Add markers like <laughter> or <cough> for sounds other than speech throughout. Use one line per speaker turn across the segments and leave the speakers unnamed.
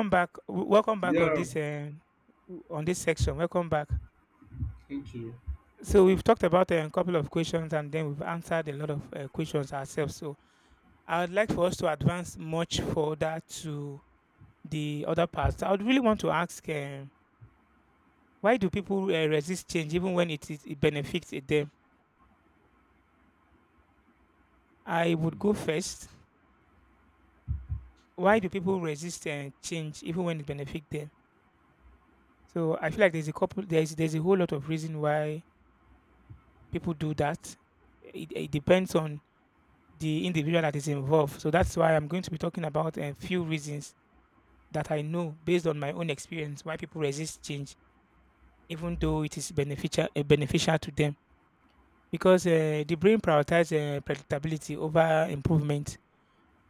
Welcome back. Welcome back
Yeah,
on this section. Welcome back.
thank you.
So we've talked about a couple of questions, and then we've answered a lot of questions ourselves. So I would like for us to advance much further to the other parts. I would really want to ask, why do people resist change even when it benefits it them? I would
Mm.
go first. Why do people resist change even when it benefits them? So I feel like there's a couple. There's a whole lot of reason why people do that. It depends on the individual that is involved. So that's why I'm going to be talking about a few reasons that I know based on my own experience why people resist change, even though it is beneficial to them. Because the brain prioritizes predictability over improvement,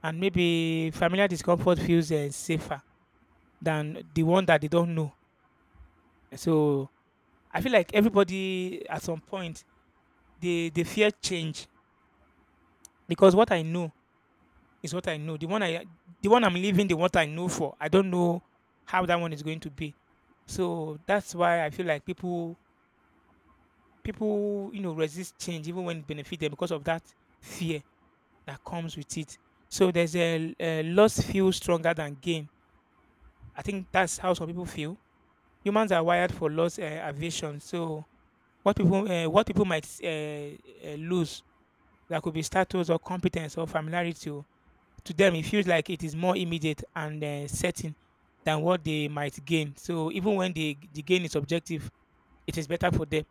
and maybe familiar discomfort feels safer than the one that they don't know. So I feel like everybody at some point they fear change, because what I know is what I know. The one I'm leaving, the what I know for. I don't know how that one is going to be. So that's why I feel like people resist change even when it benefits them because of that fear that comes with it. So there's a loss feel stronger than gain. I think that's how some people feel. Humans are wired for loss aversion. So what people might lose, that could be status or competence or familiarity, to them it feels like it is more immediate and certain than what they might gain. So even when the gain is objective, it is better for them.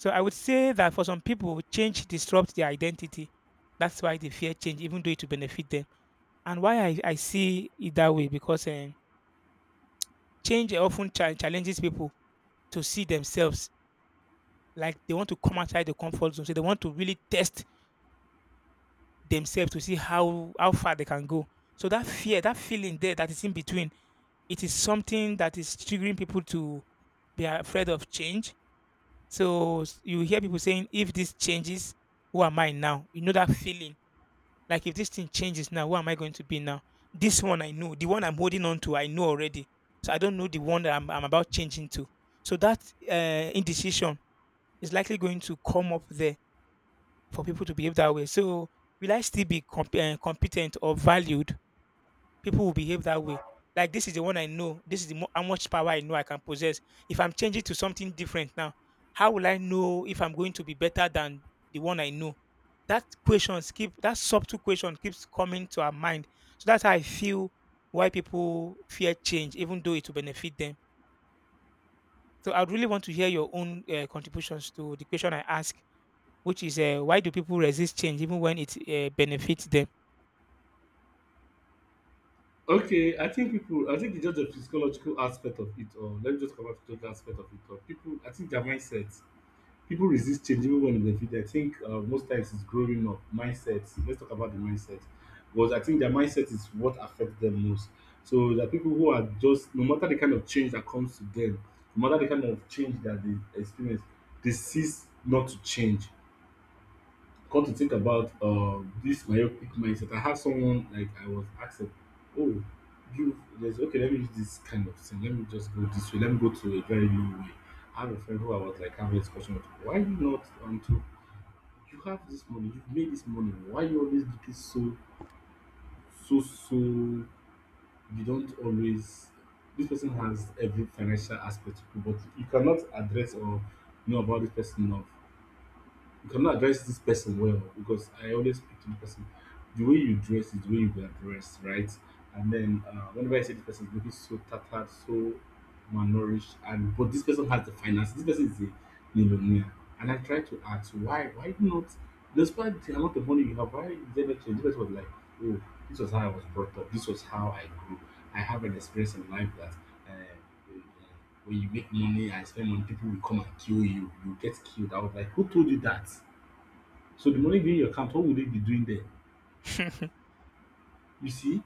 So I would say that for some people, change disrupts their identity. That's why they fear change, even though it will benefit them. And why I see it that way, because change often challenges people to see themselves, like they want to come outside the comfort zone. So they want to really test themselves to see how far they can go. So that fear, that feeling there that is in between, it is something that is triggering people to be afraid of change. So you hear people saying, if this changes, who am I now? You know that feeling. Like if this thing changes now, who am I going to be now? This one I know. The one I'm holding on to, I know already. So I don't know the one that I'm about changing to. So that indecision is likely going to come up there for people to behave that way. So will I still be competent or valued? People will behave that way. Like this is the one I know. This is how much power I know I can possess. If I'm changing to something different now, how will I know if I'm going to be better than the one I know? That subtle question keeps coming to our mind. So that's how I feel why people fear change, even though it will benefit them. So I'd really want to hear your own contributions to the question I ask, which is why do people resist change even when it benefits them?
Okay, I think people, I think it's just the physiological aspect of it all. Let me just come up to the physiological aspect of it all. People, I think their mindset, people resist change even when they benefit. I think most times it's growing up, mindset. Let's talk about the mindset. Because I think their mindset is what affects them most. So the people who are just, no matter the kind of change that comes to them, no matter the kind of change that they experience, they cease not to change. Come to think about this myopic mindset, I have someone like I was asking, oh, you there's okay, let me use this kind of thing. Let me just go this way. Let me go to a very low way. I have a friend who I was like having this question with, why you not until you have this money, you've made this money, why you always do this so you don't always, this person has every financial aspect to it, but you cannot address or know about this person enough. You cannot address this person well because I always speak to the person. The way you dress is the way you were dressed, right? And then whenever I say this person is looking so tattered, so malnourished, and but this person has the finance, this person is a millionaire, and I try to ask why not? Despite the amount of money you have, why is there no change? This person was like, oh, this was how I was brought up, this was how I grew. I have an experience in life that um, when you make money and spend money, people will come and kill you. You get killed. I was like, who told you that? So the money being in your account, what would they be doing there?
<laughs>
You see,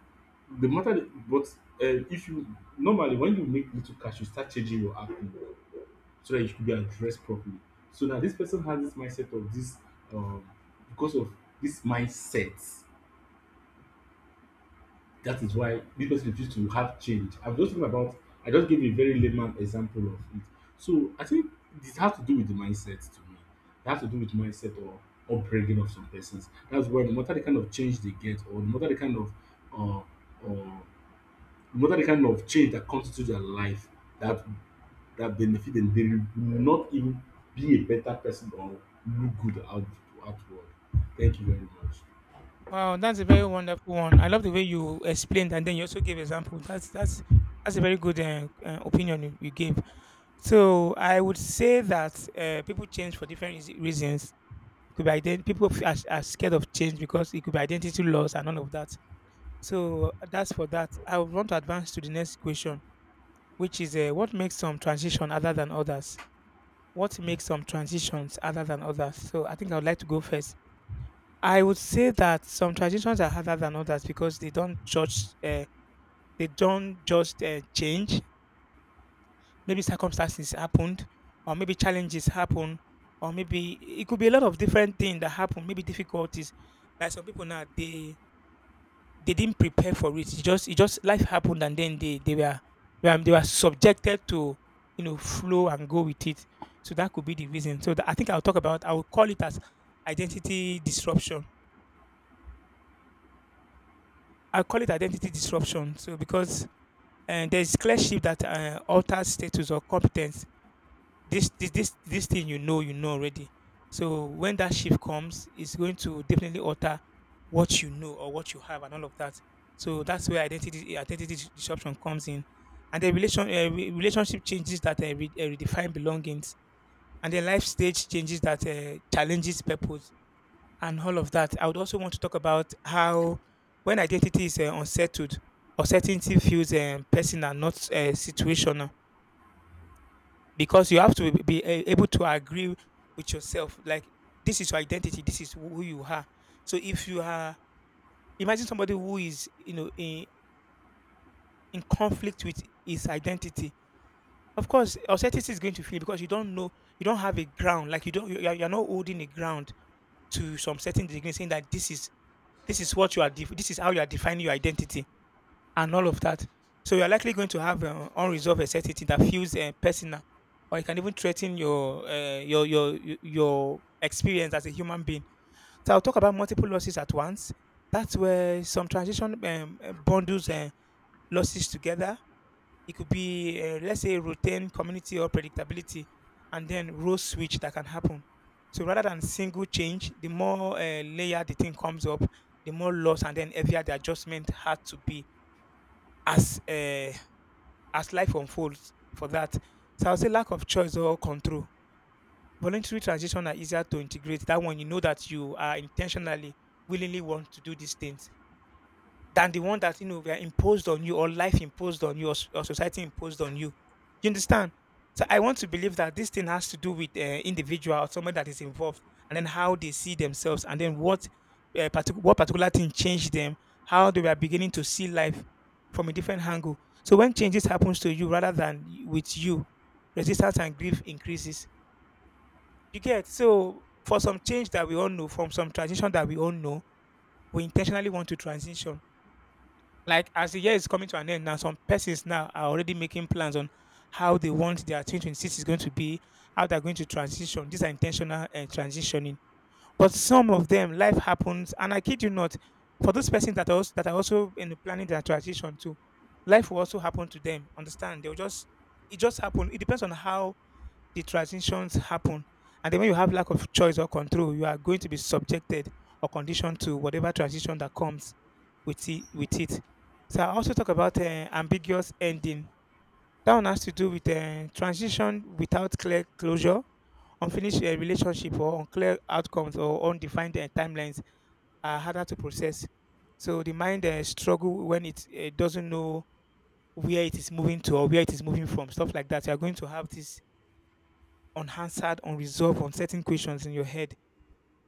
the matter, that- but if you, normally when you make little cash, you start changing your account so that you could be addressed properly. So now this person has this mindset of this, um, because of this mindset, that is why this person refused to have change. I'm just talking about, I just gave a very layman example of it. So I think this has to do with the mindset to me. It has to do with mindset or upbringing of some persons. That's why no matter the kind of change they get or no matter the kind of uh, or no matter the kind of change that comes into their life that, that benefit them, they will not even be a better person or look good out outward. Thank you very much.
Wow, that's a very wonderful one. I love the way you explained, and then you also gave example. That's that's a very good opinion you gave. So I would say that people change for different reasons. Could be people are scared of change because it could be identity loss and all of that. So that's for that. I would want to advance to the next question, which is what makes some transition other than others? What makes some transitions other than others? So I think I would like to go first. I would say that some transitions are harder than others because they don't judge. They don't just change. Maybe circumstances happened, or maybe challenges happen, or maybe it could be a lot of different things that happen, maybe difficulties. Like some people now, they didn't prepare for it. It just life happened, and then they were, they were subjected to, you know, flow and go with it. So that could be the reason. So that, I think I'll talk about, I will call it as identity disruption. I call it identity disruption. So because there's clear shift that alters status or competence. This thing you know, you know already. So when that shift comes, it's going to definitely alter what you know or what you have and all of that. So that's where identity disruption comes in. And then relation re- relationship changes that redefine belongings, and then life stage changes that challenges purpose and all of that. I would also want to talk about how, when identity is unsettled, uncertainty feels personal, not situational. Because you have to be able to agree with yourself, like this is your identity, this is who you are. So if you are, imagine somebody who is, you know, in conflict with his identity. Of course uncertainty is going to feel, because you don't know, you don't have a ground, like you don't you- you're not holding a ground to some certain degree, saying that this is what you are this is how you are defining your identity and all of that. So you are likely going to have unresolved anxiety that feels personal, or it can even threaten your your experience as a human being. So I'll talk about multiple losses at once. That's where some transition bundles losses together. It could be let's say routine, community, or predictability, and then role switch that can happen. So rather than single change, the more layer the thing comes up, the more loss and then heavier the adjustment had to be as uh, as life unfolds for that. So I'll say lack of choice or control. Voluntary transition are easier to integrate. That one you know that you are intentionally, willingly want to do these things, than the one that you know were imposed on you, or life imposed on you, or society imposed on you. You understand? So I want to believe that this thing has to do with individual or someone that is involved, and then how they see themselves, and then what particular thing changed them, how they were beginning to see life from a different angle. So when changes happens to you rather than with you, resistance and grief increases. You get? So for some change that we all know, from some transition that we all know, we intentionally want to transition. Like as the year is coming to an end now, some persons now are already making plans on how they want their 2026 is going to be, how they're going to transition. These are intentional transitioning. But some of them, life happens, and I kid you not, for those persons that are also in the planning their transition too, life will also happen to them. Understand? They'll just, it just happen. It depends on how the transitions happen. And then when you have lack of choice or control, you are going to be subjected or conditioned to whatever transition that comes with it. So I also talk about ambiguous ending. That one has to do with transition without clear closure, unfinished relationship, or unclear outcomes, or undefined timelines are harder to process. So the mind struggle when it doesn't know where it is moving to or where it is moving from, stuff like that. You are going to have this unanswered, unresolved, uncertain questions in your head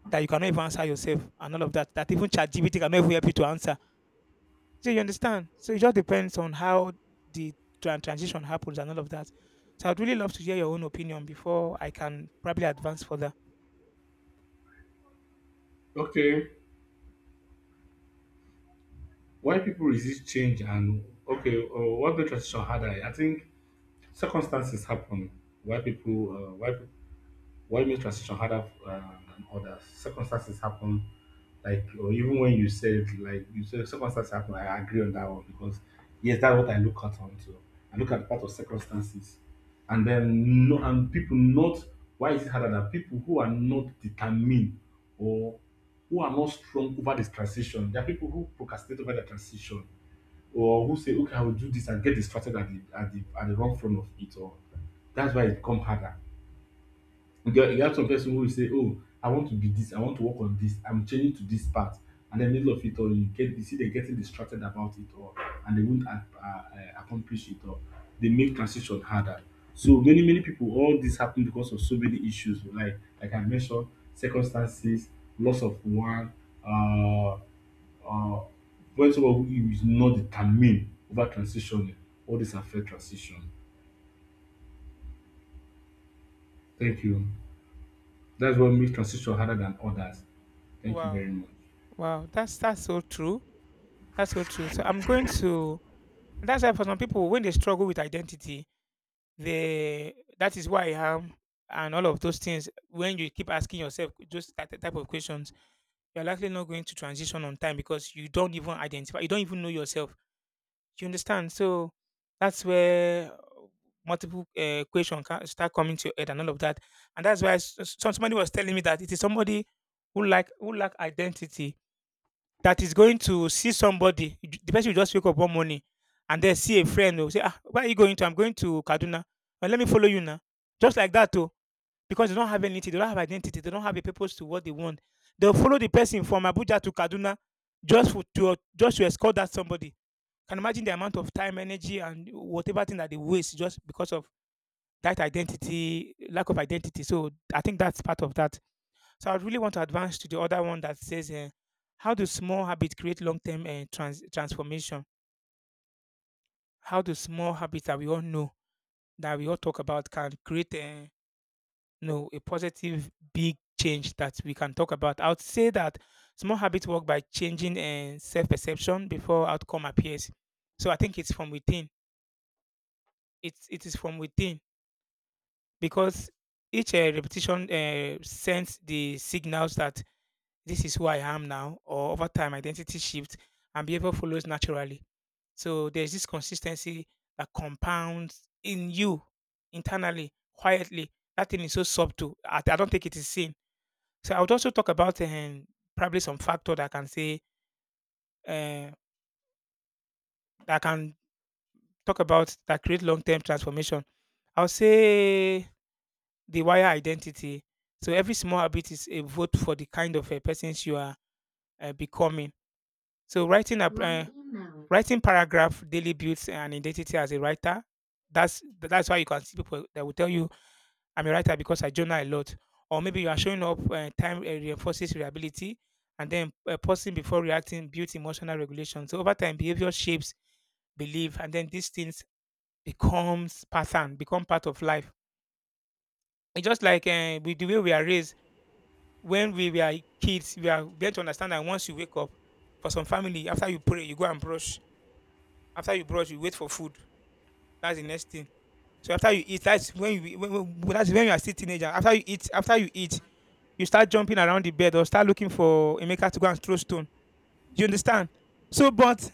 that you cannot even answer yourself and all of that, that even ChatGPT cannot even help you to answer. So you understand? So it just depends on how the transition happens and all of that. So I'd really love to hear your own opinion before I can probably advance further.
Okay. Why people resist change, and okay, what the transition harder, I think circumstances happen. Why people why make transition harder than others? Circumstances happen, like or even when you said, like you said, circumstances happen. I agree on that one because yes, that's what I look at onto. I look at part of circumstances, and then no, and people not. Why is it harder than people who are not determined, or who are not strong over this transition? There are people who procrastinate over the transition, or who say, okay, I will do this and get distracted at the wrong front of it, or that's why it become harder. You get, you get some person who will say, oh, I want to be this, I want to work on this, I'm changing to this part, and then middle of it all, you get, you see them getting distracted about it, or and they won't accomplish it, or they make transition harder. So many, many people, all this happen because of so many issues, like I mentioned, circumstances, loss of one. Uh, uh, when someone who is not determined about transitioning, all this affect transition. Thank you. That's what makes transition harder than others. Thank you
Wow.
very much.
Wow. That's so true. That's so true. So I'm going to, and that's why for some people when they struggle with identity, they, that is who I am and all of those things. When you keep asking yourself those that type of questions, you're likely not going to transition on time, because you don't even identify, you don't even know yourself. You understand? So that's where multiple questions can start coming to your head and all of that. And that's why somebody was telling me that it is somebody who like who lack identity that is going to see somebody. The person will just wake up one morning and then see a friend who say, ah, where are you going to? I'm going to Kaduna. Well, let me follow you now. Just like that, because they don't have anything, they don't have identity, they don't have a purpose to what they want. They'll follow the person from Abuja to Kaduna just for, to just to escort that somebody. Can imagine the amount of time, energy, and whatever thing that they waste just because of that identity, lack of identity. So I think that's part of that. So I really want to advance to the other one that says, how do small habits create long-term transformation? How do small habits that we all know that we all talk about can create no, a positive big change that we can talk about. I would say that small habits work by changing self-perception before outcome appears. So I think it's from within. It is from within because each repetition sends the signals that this is who I am now. Or over time, identity shifts and behavior follows naturally. So there's this consistency that compounds in you internally, quietly. That thing is so subtle. I don't think it is seen. So I would also talk about probably some factor that can say uh, that can talk about that create long term transformation. I'll say the wire identity. So every small habit is a vote for the kind of a person you are becoming. So writing paragraph daily builds an identity as a writer. That's why you can see people that will tell you I'm a writer because I journal a lot. Or maybe you are showing up time reinforces reliability, and then pausing before reacting builds emotional regulation. So over time, behavior shapes belief, and then these things becomes pattern, become part of life. It's just like with the way we are raised. When we were kids, we are meant to understand that once you wake up, for some family, after you pray, you go and brush. After you brush, you wait for food. That's the next thing. So after you eat, that's when you that's when you are still teenager. After you eat, you start jumping around the bed or start looking for Emeka to go and throw stone. You understand? So, but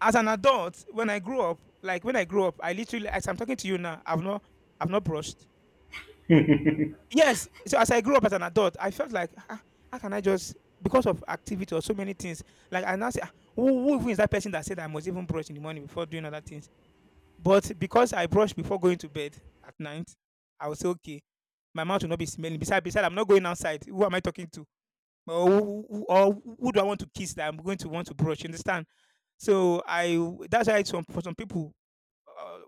as an adult, when I grew up, like when I grew up, I literally, as I'm talking to you now, I've not brushed. Yes. So as I grew up as an adult, I felt like, ah, how can I just because of activity or so many things? Like I now say, "Ah, who even is that person that said I must even brush in the morning before doing other things? But because I brush before going to bed at night, I was okay. My mouth will not be smelling. Besides, I'm not going outside. Who am I talking to? Or who do I want to kiss that I'm going to want to brush? You understand? So that's why some for some people, uh,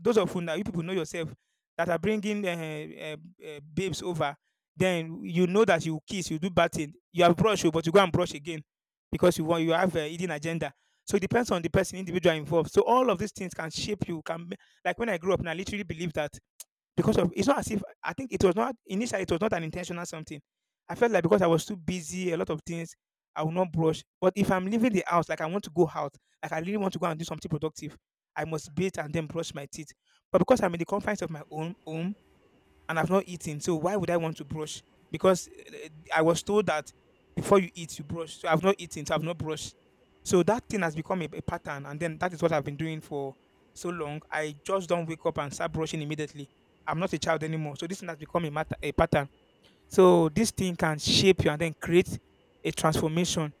those of you now you people know yourself that are bringing babes over, then you know that you kiss, you do bad thing, you have brushed, oh, but you go and brush again because you have a hidden agenda. So it depends on the person, individual involved. So all of these things can shape you. Like when I grew up, and I literally believe that because of it's not as if I think it was not initially it was not an intentional something. I felt like because I was too busy, a lot of things, I will not brush. But if I'm leaving the house, like I want to go out, like I really want to go and do something productive, I must bathe and then brush my teeth. But because I'm in the confines of my own home, and I've not eaten. So why would I want to brush? Because eh, I was told that before you eat, you brush. So I've not eaten, so I've not brushed. So that thing has become a pattern, and then that is what I've been doing for so long. I just don't wake up and start brushing immediately. I'm not a child anymore. So this thing has become a matter, a pattern. So this thing can shape you and then create a transformation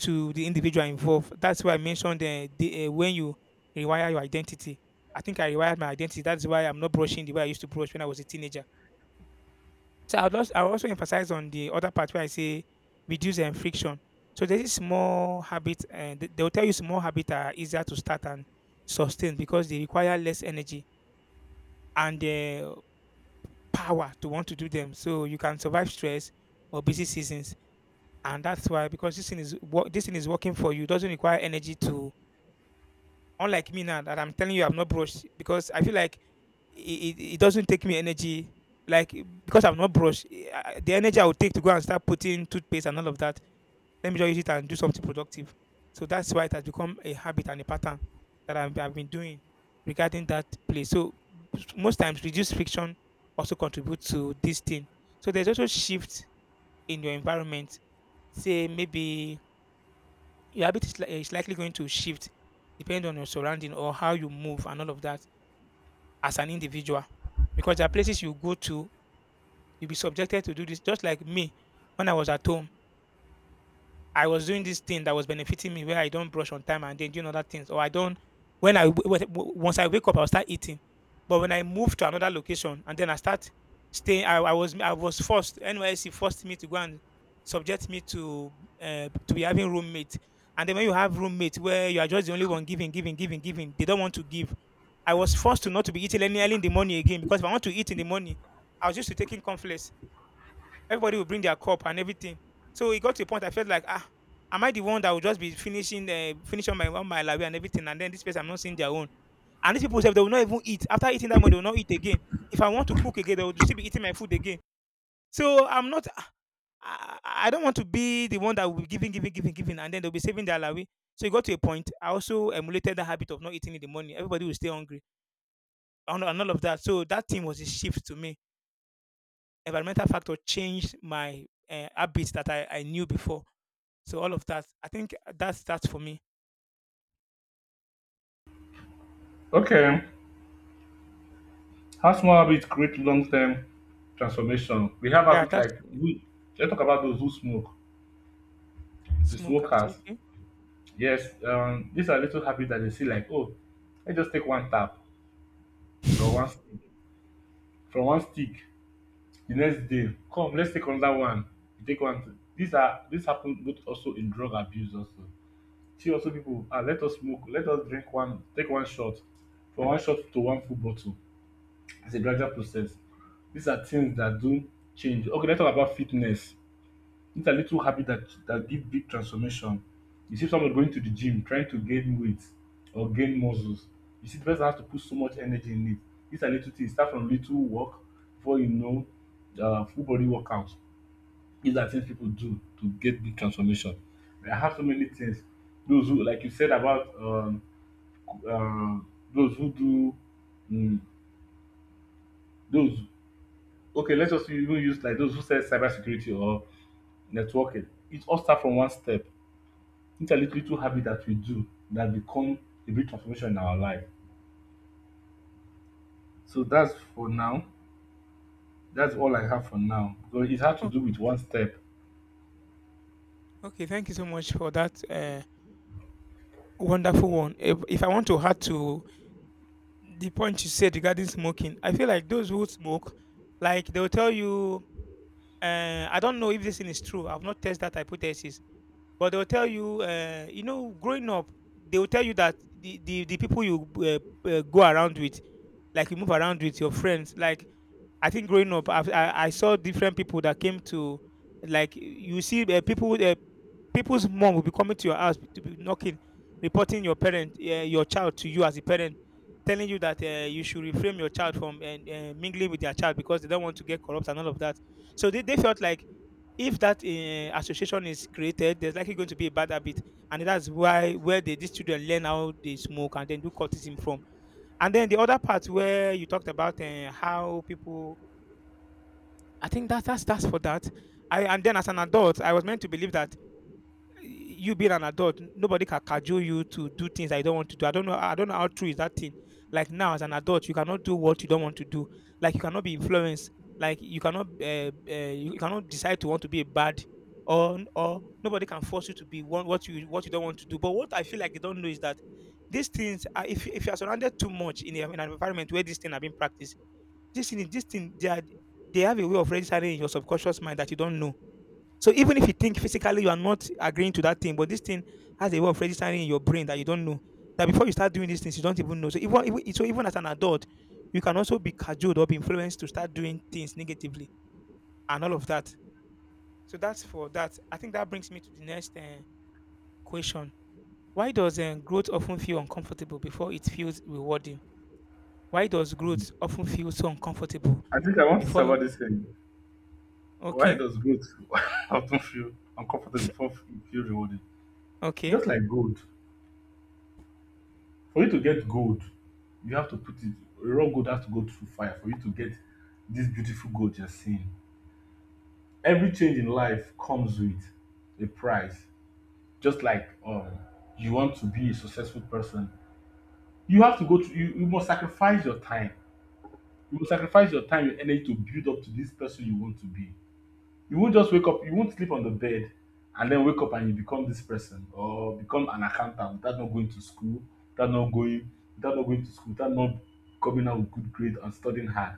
to the individual involved. That's why I mentioned when you rewire your identity. I think I rewired my identity. That's why I'm not brushing the way I used to brush when I was a teenager. So I'll also emphasize on the other part where I say reduce and friction. So there is small habit, and they will tell you small habits are easier to start and sustain because they require less energy and power to want to do them. So you can survive stress or busy seasons, and that's why because this thing is working for you. It doesn't require energy to unlike me now that I'm telling you I've not brushed because I feel like it doesn't take me energy. Like eh, because I've not brushed, the energy I would take to go and start putting toothpaste and all of that, let me just use it and do something productive. So that's why it has become a habit and a pattern that I've been doing regarding that place. So most times reduced friction also contributes to this thing. So there's also shift in your environment. Say maybe your habit is likely going to shift depending on your surrounding or how you move and all of that as an individual. Because there are places you go to, you'll be subjected to do this. Just like me, when I was at home, I was doing this thing that was benefiting me where I don't brush on time and then doing other things, or I don't. When I w- w- w- once I wake up, I'll start eating. But when I move to another location and then I start staying, I was forced. NYC forced me to go and subject me to be having roommate. And then when you have roommate where you are just the only one giving, they don't want to give. I was forced to not to be eating any early in the morning again because if I want to eat in the morning, I was used to taking cornflakes. Everybody will bring their cup and everything. So it got to a point I felt like, ah, am I the one that will just be finishing finish my one my lawe and everything? And then this person I'm not seeing their own. And these people said they will not even eat. After eating that one, they will not eat again. If I want to cook again, they will still be eating my food again. So I'm not I, I don't want to be the one that will be giving, and then they'll be saving their lawe. So it got to a point. I also emulated the habit of not eating in the morning. Everybody will stay hungry and all of that. So that thing was a shift to me. Environmental factor changed my habits that I knew before. So all of that, I think that's that for me.
Okay. How small habits create long term transformation? We have
Yeah,
habits
that's
like we, let's talk about those who smoke, the
smokers.
smokers.
Okay.
Yes, these are little habits that they see like, oh, I just take one tap or one stick, from one stick the next day, come let's take another one, you take one too. These are, this happen both also in drug abuse also. See also people, ah, let us smoke, let us drink, one take one shot, from one shot to one full bottle. It's a gradual process. These are things that do change. Okay, let's talk about fitness. These are little habit that, that give big transformation. You see somebody going to the gym trying to gain weight or gain muscles. You see the person has to put so much energy in it. These are little things, start from little work before you know, full body workout. These are things people do to get big transformation. I have so many things. Those who, like you said about um, those who do, mm, those. Okay, let's just even use like those who say cybersecurity or networking. It all starts from one step. It's a little, little habit that we do, that become a big transformation in our life. So that's for now. That's all I have for now. So it has to
Oh,
do with one step.
okay. Thank you so much for that wonderful one. If I want to add to the point you said regarding smoking, I feel like those who smoke, like they'll tell you, I don't know if this thing is true. I've not tested that hypothesis, but they'll tell you, you know, growing up, they'll tell you that the people you go around with, like you move around with your friends, like I think growing up, I saw different people that came to, like you see people people's mom will be coming to your house to be knocking, reporting your parent, your child to you as a parent, telling you that you should refrain your child from and mingling with their child because they don't want to get corrupt and all of that. So they felt like if that association is created, there's likely going to be a bad habit, and that's why where these children learn how they smoke and then do cultism from. And then the other part where you talked about how people I think that that's for that. I and then as an adult, I was meant to believe that you being an adult, nobody can cajole you to do things that you don't want to do. I don't know. I don't know how true is that thing. Like now, as an adult, you cannot do what you don't want to do. Like you cannot be influenced. You cannot decide to want to be a bad, or nobody can force you to be one what you don't want to do. But what I feel like they don't know is that these things, are, if you are surrounded too much in, a, in an environment where these things are being practiced, this thing, this thing, they are, they have a way of registering in your subconscious mind that you don't know. So even if you think physically you are not agreeing to that thing, but this thing has a way of registering in your brain that you don't know. That before you start doing these things, you don't even know. So even as an adult, you can also be cajoled or be influenced to start doing things negatively and all of that. So that's for that. I think that brings me to the next question. Why does growth often feel uncomfortable before it feels rewarding? Why does growth often feel so uncomfortable
I think I want to say
before?
about this thing. Why
Okay,
does growth <laughs> often feel uncomfortable before it feel rewarding?
okay.
Just like gold. For you to get gold, you have to put it, raw gold has to go through fire for you to get this beautiful gold you're seeing. Every change in life comes with a price. Just like you want to be a successful person, you have to go through, you must sacrifice your time. You must sacrifice your time, your energy, to build up to this person you want to be. You won't just wake up, you won't sleep on the bed and then wake up and you become this person, or become an accountant without not going to school, without not going without not going to school, without not coming out with good grades and studying hard.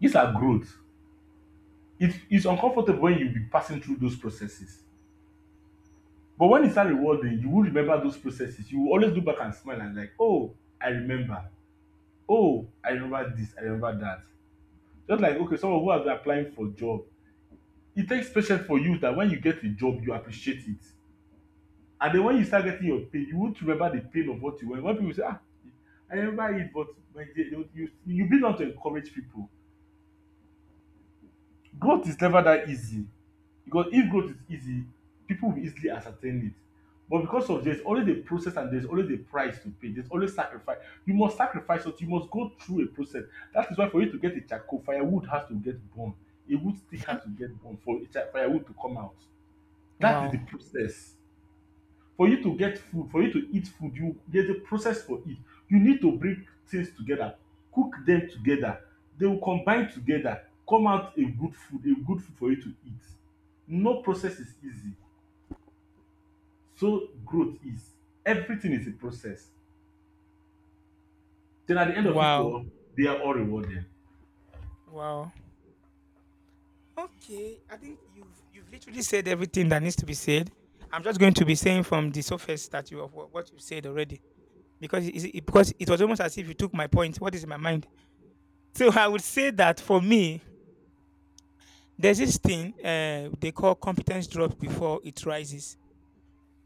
These are growth. It is uncomfortable when you be passing through those processes, but when it's start rewarding, you will remember those processes, you will always look back and smile, and like, oh, I remember, oh, I remember this, I remember that. Just like, okay, someone who has been applying for a job, it takes patience for you, that when you get a job, you appreciate it. And then when you start getting your pay, you won't remember the pain of what you went. When people say, ah, I remember it, but my dear, you begin not to encourage people. Growth is never that easy. Because if growth is easy, people will easily ascertain it. But because of, there's always a process and there's always a price to pay. There's always sacrifice. You must sacrifice something. You must go through a process. That is why for you to get a charcoal, firewood has to get burned. A wood stick has to get burned for a cha- firewood to come out. That is the
Wow.
process. For you to get food, for you to eat food, you, there's a process for it. You need to bring things together, cook them together. They will combine together, come out a good food for you to eat. No process is easy. So growth is. Everything is a process. Then at the end of it
Wow.
all, they are all rewarded.
Wow. Okay. I think you've literally said everything that needs to be said. I'm just going to be saying from the surface that you of what you said already because because it was almost as if you took my point. What is in my mind? So I would say that for me, there's this thing they call competence drop before it rises.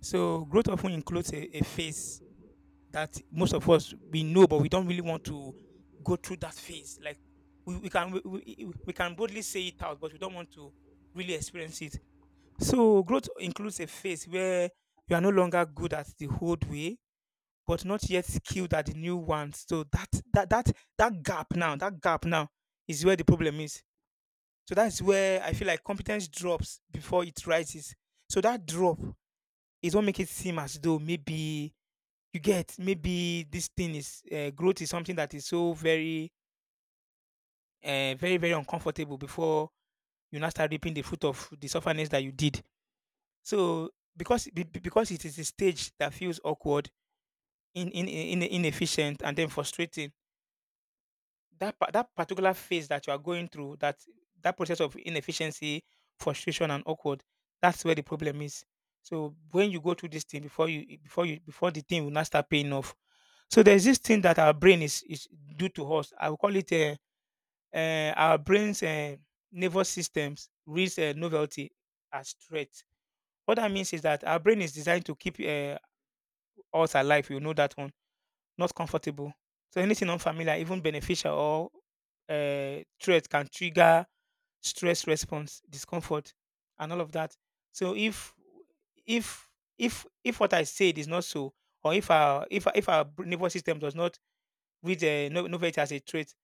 So growth often includes a phase that most of us we know, but we don't really want to go through that phase. Like we can boldly say it out, but we don't want to really experience it. So growth includes a phase where you are no longer good at the old way, but not yet skilled at the new one. So that gap now is where the problem is. So that's where I feel like competence drops before it rises. So that drop is what makes it seem as though maybe you get? Maybe this thing is growth is something that is so very uncomfortable before you now start reaping the fruit of the sufferness that you did. So because because it is a stage that feels awkward, inefficient, and then frustrating, that that particular phase that you are going through, that that process of inefficiency, frustration and awkward, that's where the problem is. So when you go through this thing before you before you before the thing will not start paying off. So there's this thing that our brain is due to us. I will call it our brain's, nervous systems reads novelty as threat. What that means is that our brain is designed to keep us alive, you know that one, not comfortable. So anything unfamiliar, even beneficial or threat, can trigger stress response, discomfort, and all of that. So if if what I said is not so, or if our nervous system does not read know it as a trait,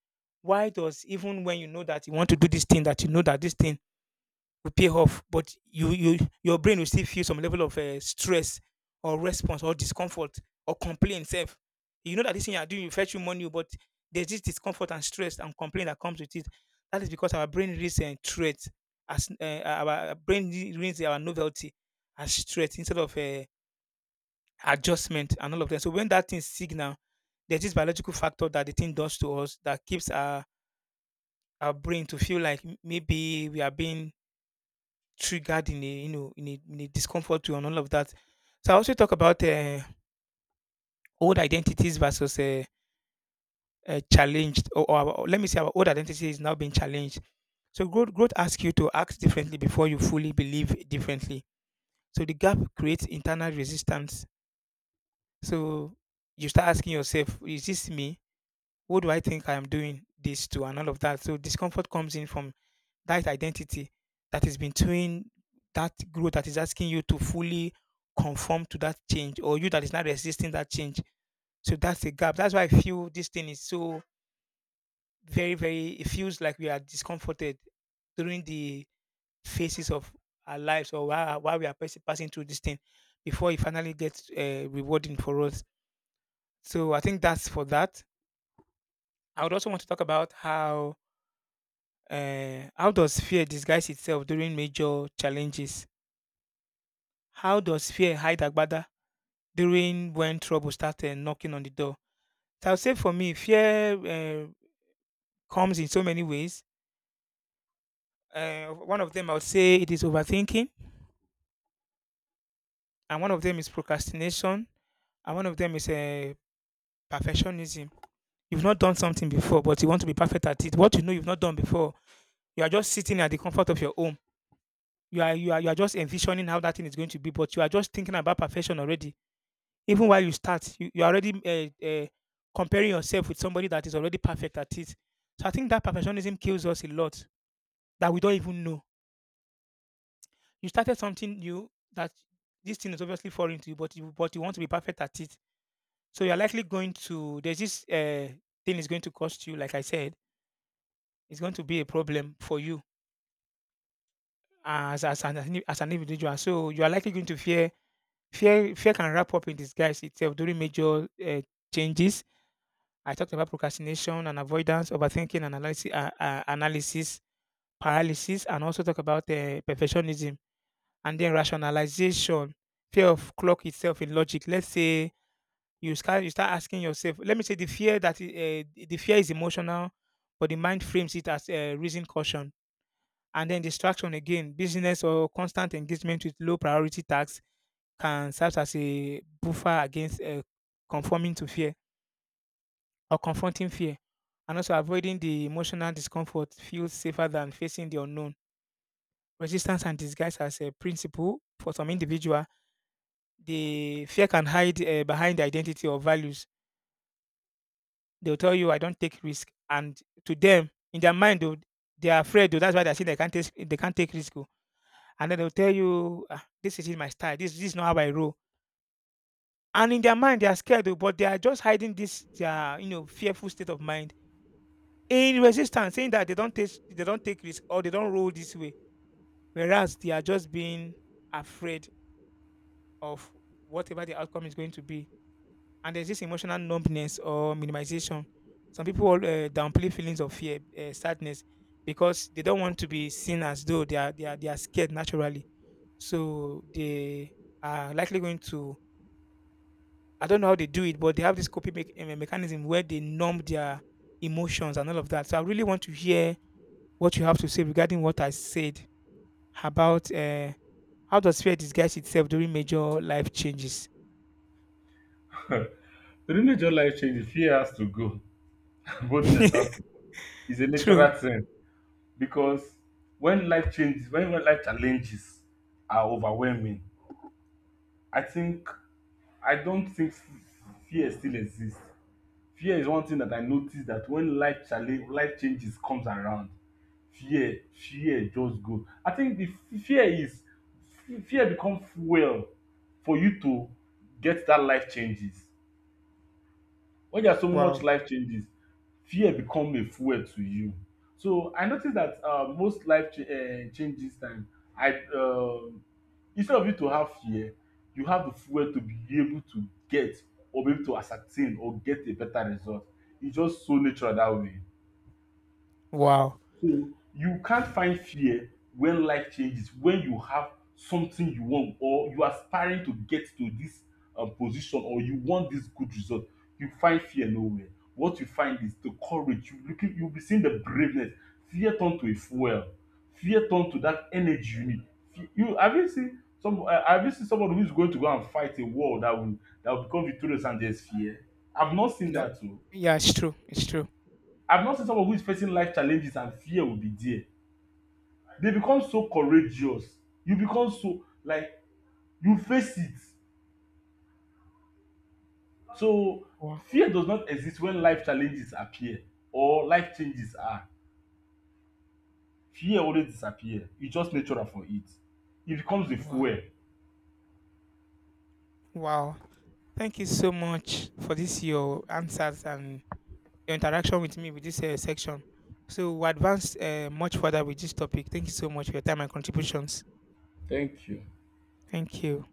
why does even when you know that you want to do this thing that you know that this thing will pay off, but you, your brain will still feel some level of stress or response or discomfort or complaint. Self. You know that this thing you are doing will fetch you money, but there's this discomfort and stress and complaint that comes with it. That is because our brain reads and threats as our reads our novelty as threat instead of adjustment and all of that. So when that thing signal, there's this biological factor that the thing does to us that keeps our brain to feel like maybe we are being triggered in a you know in a discomfort way and all of that. So I also talk about old identities versus challenged, or our- let me say our old identity is now being challenged. So growth asks you to act differently before you fully believe differently. So the gap creates internal resistance. So you start asking yourself, is this me? What do I think I am doing this to, and all of that. So discomfort comes in from that is identity, that is between that growth that is asking you to fully conform to that change or you that is not resisting that change. So that's a gap. That's why I feel this thing is so very, it feels like we are discomforted during the phases of our lives or while we are passing through this thing before it finally gets rewarding for us. So I think that's for that. I would also want to talk about how does fear disguise itself during major challenges? How does fear hide Agbada during when trouble starts knocking on the door? So I would say for me, fear comes in so many ways. One of them I would say it is overthinking, and one of them is procrastination, and one of them is perfectionism. You've not done something before, but you want to be perfect at it. What you know you've not done before, you are just sitting at the comfort of your home. You are just envisioning how that thing is going to be, but you are just thinking about perfection already. Even while you start, you're already uh, uh, comparing yourself with somebody that is already perfect at it. So I think that perfectionism kills us a lot that we don't even know. You started something new that this thing is obviously foreign to you, but you want to be perfect at it. So you're likely going to, there's this thing is going to cost you, like I said, it's going to be a problem for you as an individual. So you are likely going to fear can wrap up in disguise itself during major changes. I talked about procrastination and avoidance, overthinking, analysis, analysis paralysis, and also talk about perfectionism and then rationalization, fear of clock itself in logic. Let's say you start asking yourself. Let me say the fear that the fear is emotional, but the mind frames it as reason caution. And then distraction again, business or constant engagement with low priority tasks can serve as a buffer against conforming to fear or confronting fear. And also avoiding the emotional discomfort feels safer than facing the unknown. Resistance and disguise as a principle for some individual, the fear can hide behind the identity or values. They'll tell you, "I don't take risk," and to them, in their mind, though, they are afraid. Though that's why they say they can't take risk. Oh. And then they'll tell you, "Ah, this is not my style. This is not how I roll." And in their mind, they are scared, oh, but they are just hiding this their you know fearful state of mind in resistance, saying that they don't take risk or they don't roll this way, whereas they are just being afraid of whatever the outcome is going to be. And there's this emotional numbness or minimization. Some people downplay feelings of fear, sadness, because they don't want to be seen as though they are scared naturally. So they are likely going to, I don't know how they do it, but they have this coping mechanism where they numb their emotions and all of that. So I really want to hear what you have to say regarding what I said about how does fear disguise itself during major life changes?
<laughs> During major life change, fear has to go. <laughs> Boldness has
<laughs>
to go. It's a
True.
natural thing, because when life changes, when life challenges are overwhelming, I think, I don't think fear still exists. Fear is one thing that I notice, that when life challenge, life changes comes around, fear just go. I think the f- fear is fear become fuel for you to get dat life changes. When there are so much
Wow.
life changes, fear become a fuel to you. So I notice that most life changes time, I instead of you to have fear, you have the fuel to be able to get, or be able to ascertain or get a better result. It's just so natural that way.
Wow.
So you can't find fear when life changes, when you have something you want, or you are aspiring to get to this position, or you want this good result. You find fear nowhere. What you find is the courage. You looking, you'll be seeing the braveness. Fear turn to a fuel. Fear turn to that energy you need. You have, you seen some? Have you seen somebody who's going to go and fight a war that will become victorious and there's fear? I've not seen
No.
that too.
Yeah, it's true. It's true.
I've not seen someone who is facing life challenges and fear will be there. They become so courageous, you become so like, you face it. So
Wow.
fear does not exist when life challenges appear, or life changes are, fear always disappear, e just natural for it, e becomes a
Wow.
fuel.
Wow. Thank you so much for this your answers and your interaction with me with this section. So we advanced much further with this topic. Thank you so much for your time and contributions.
Thank you.
Thank you.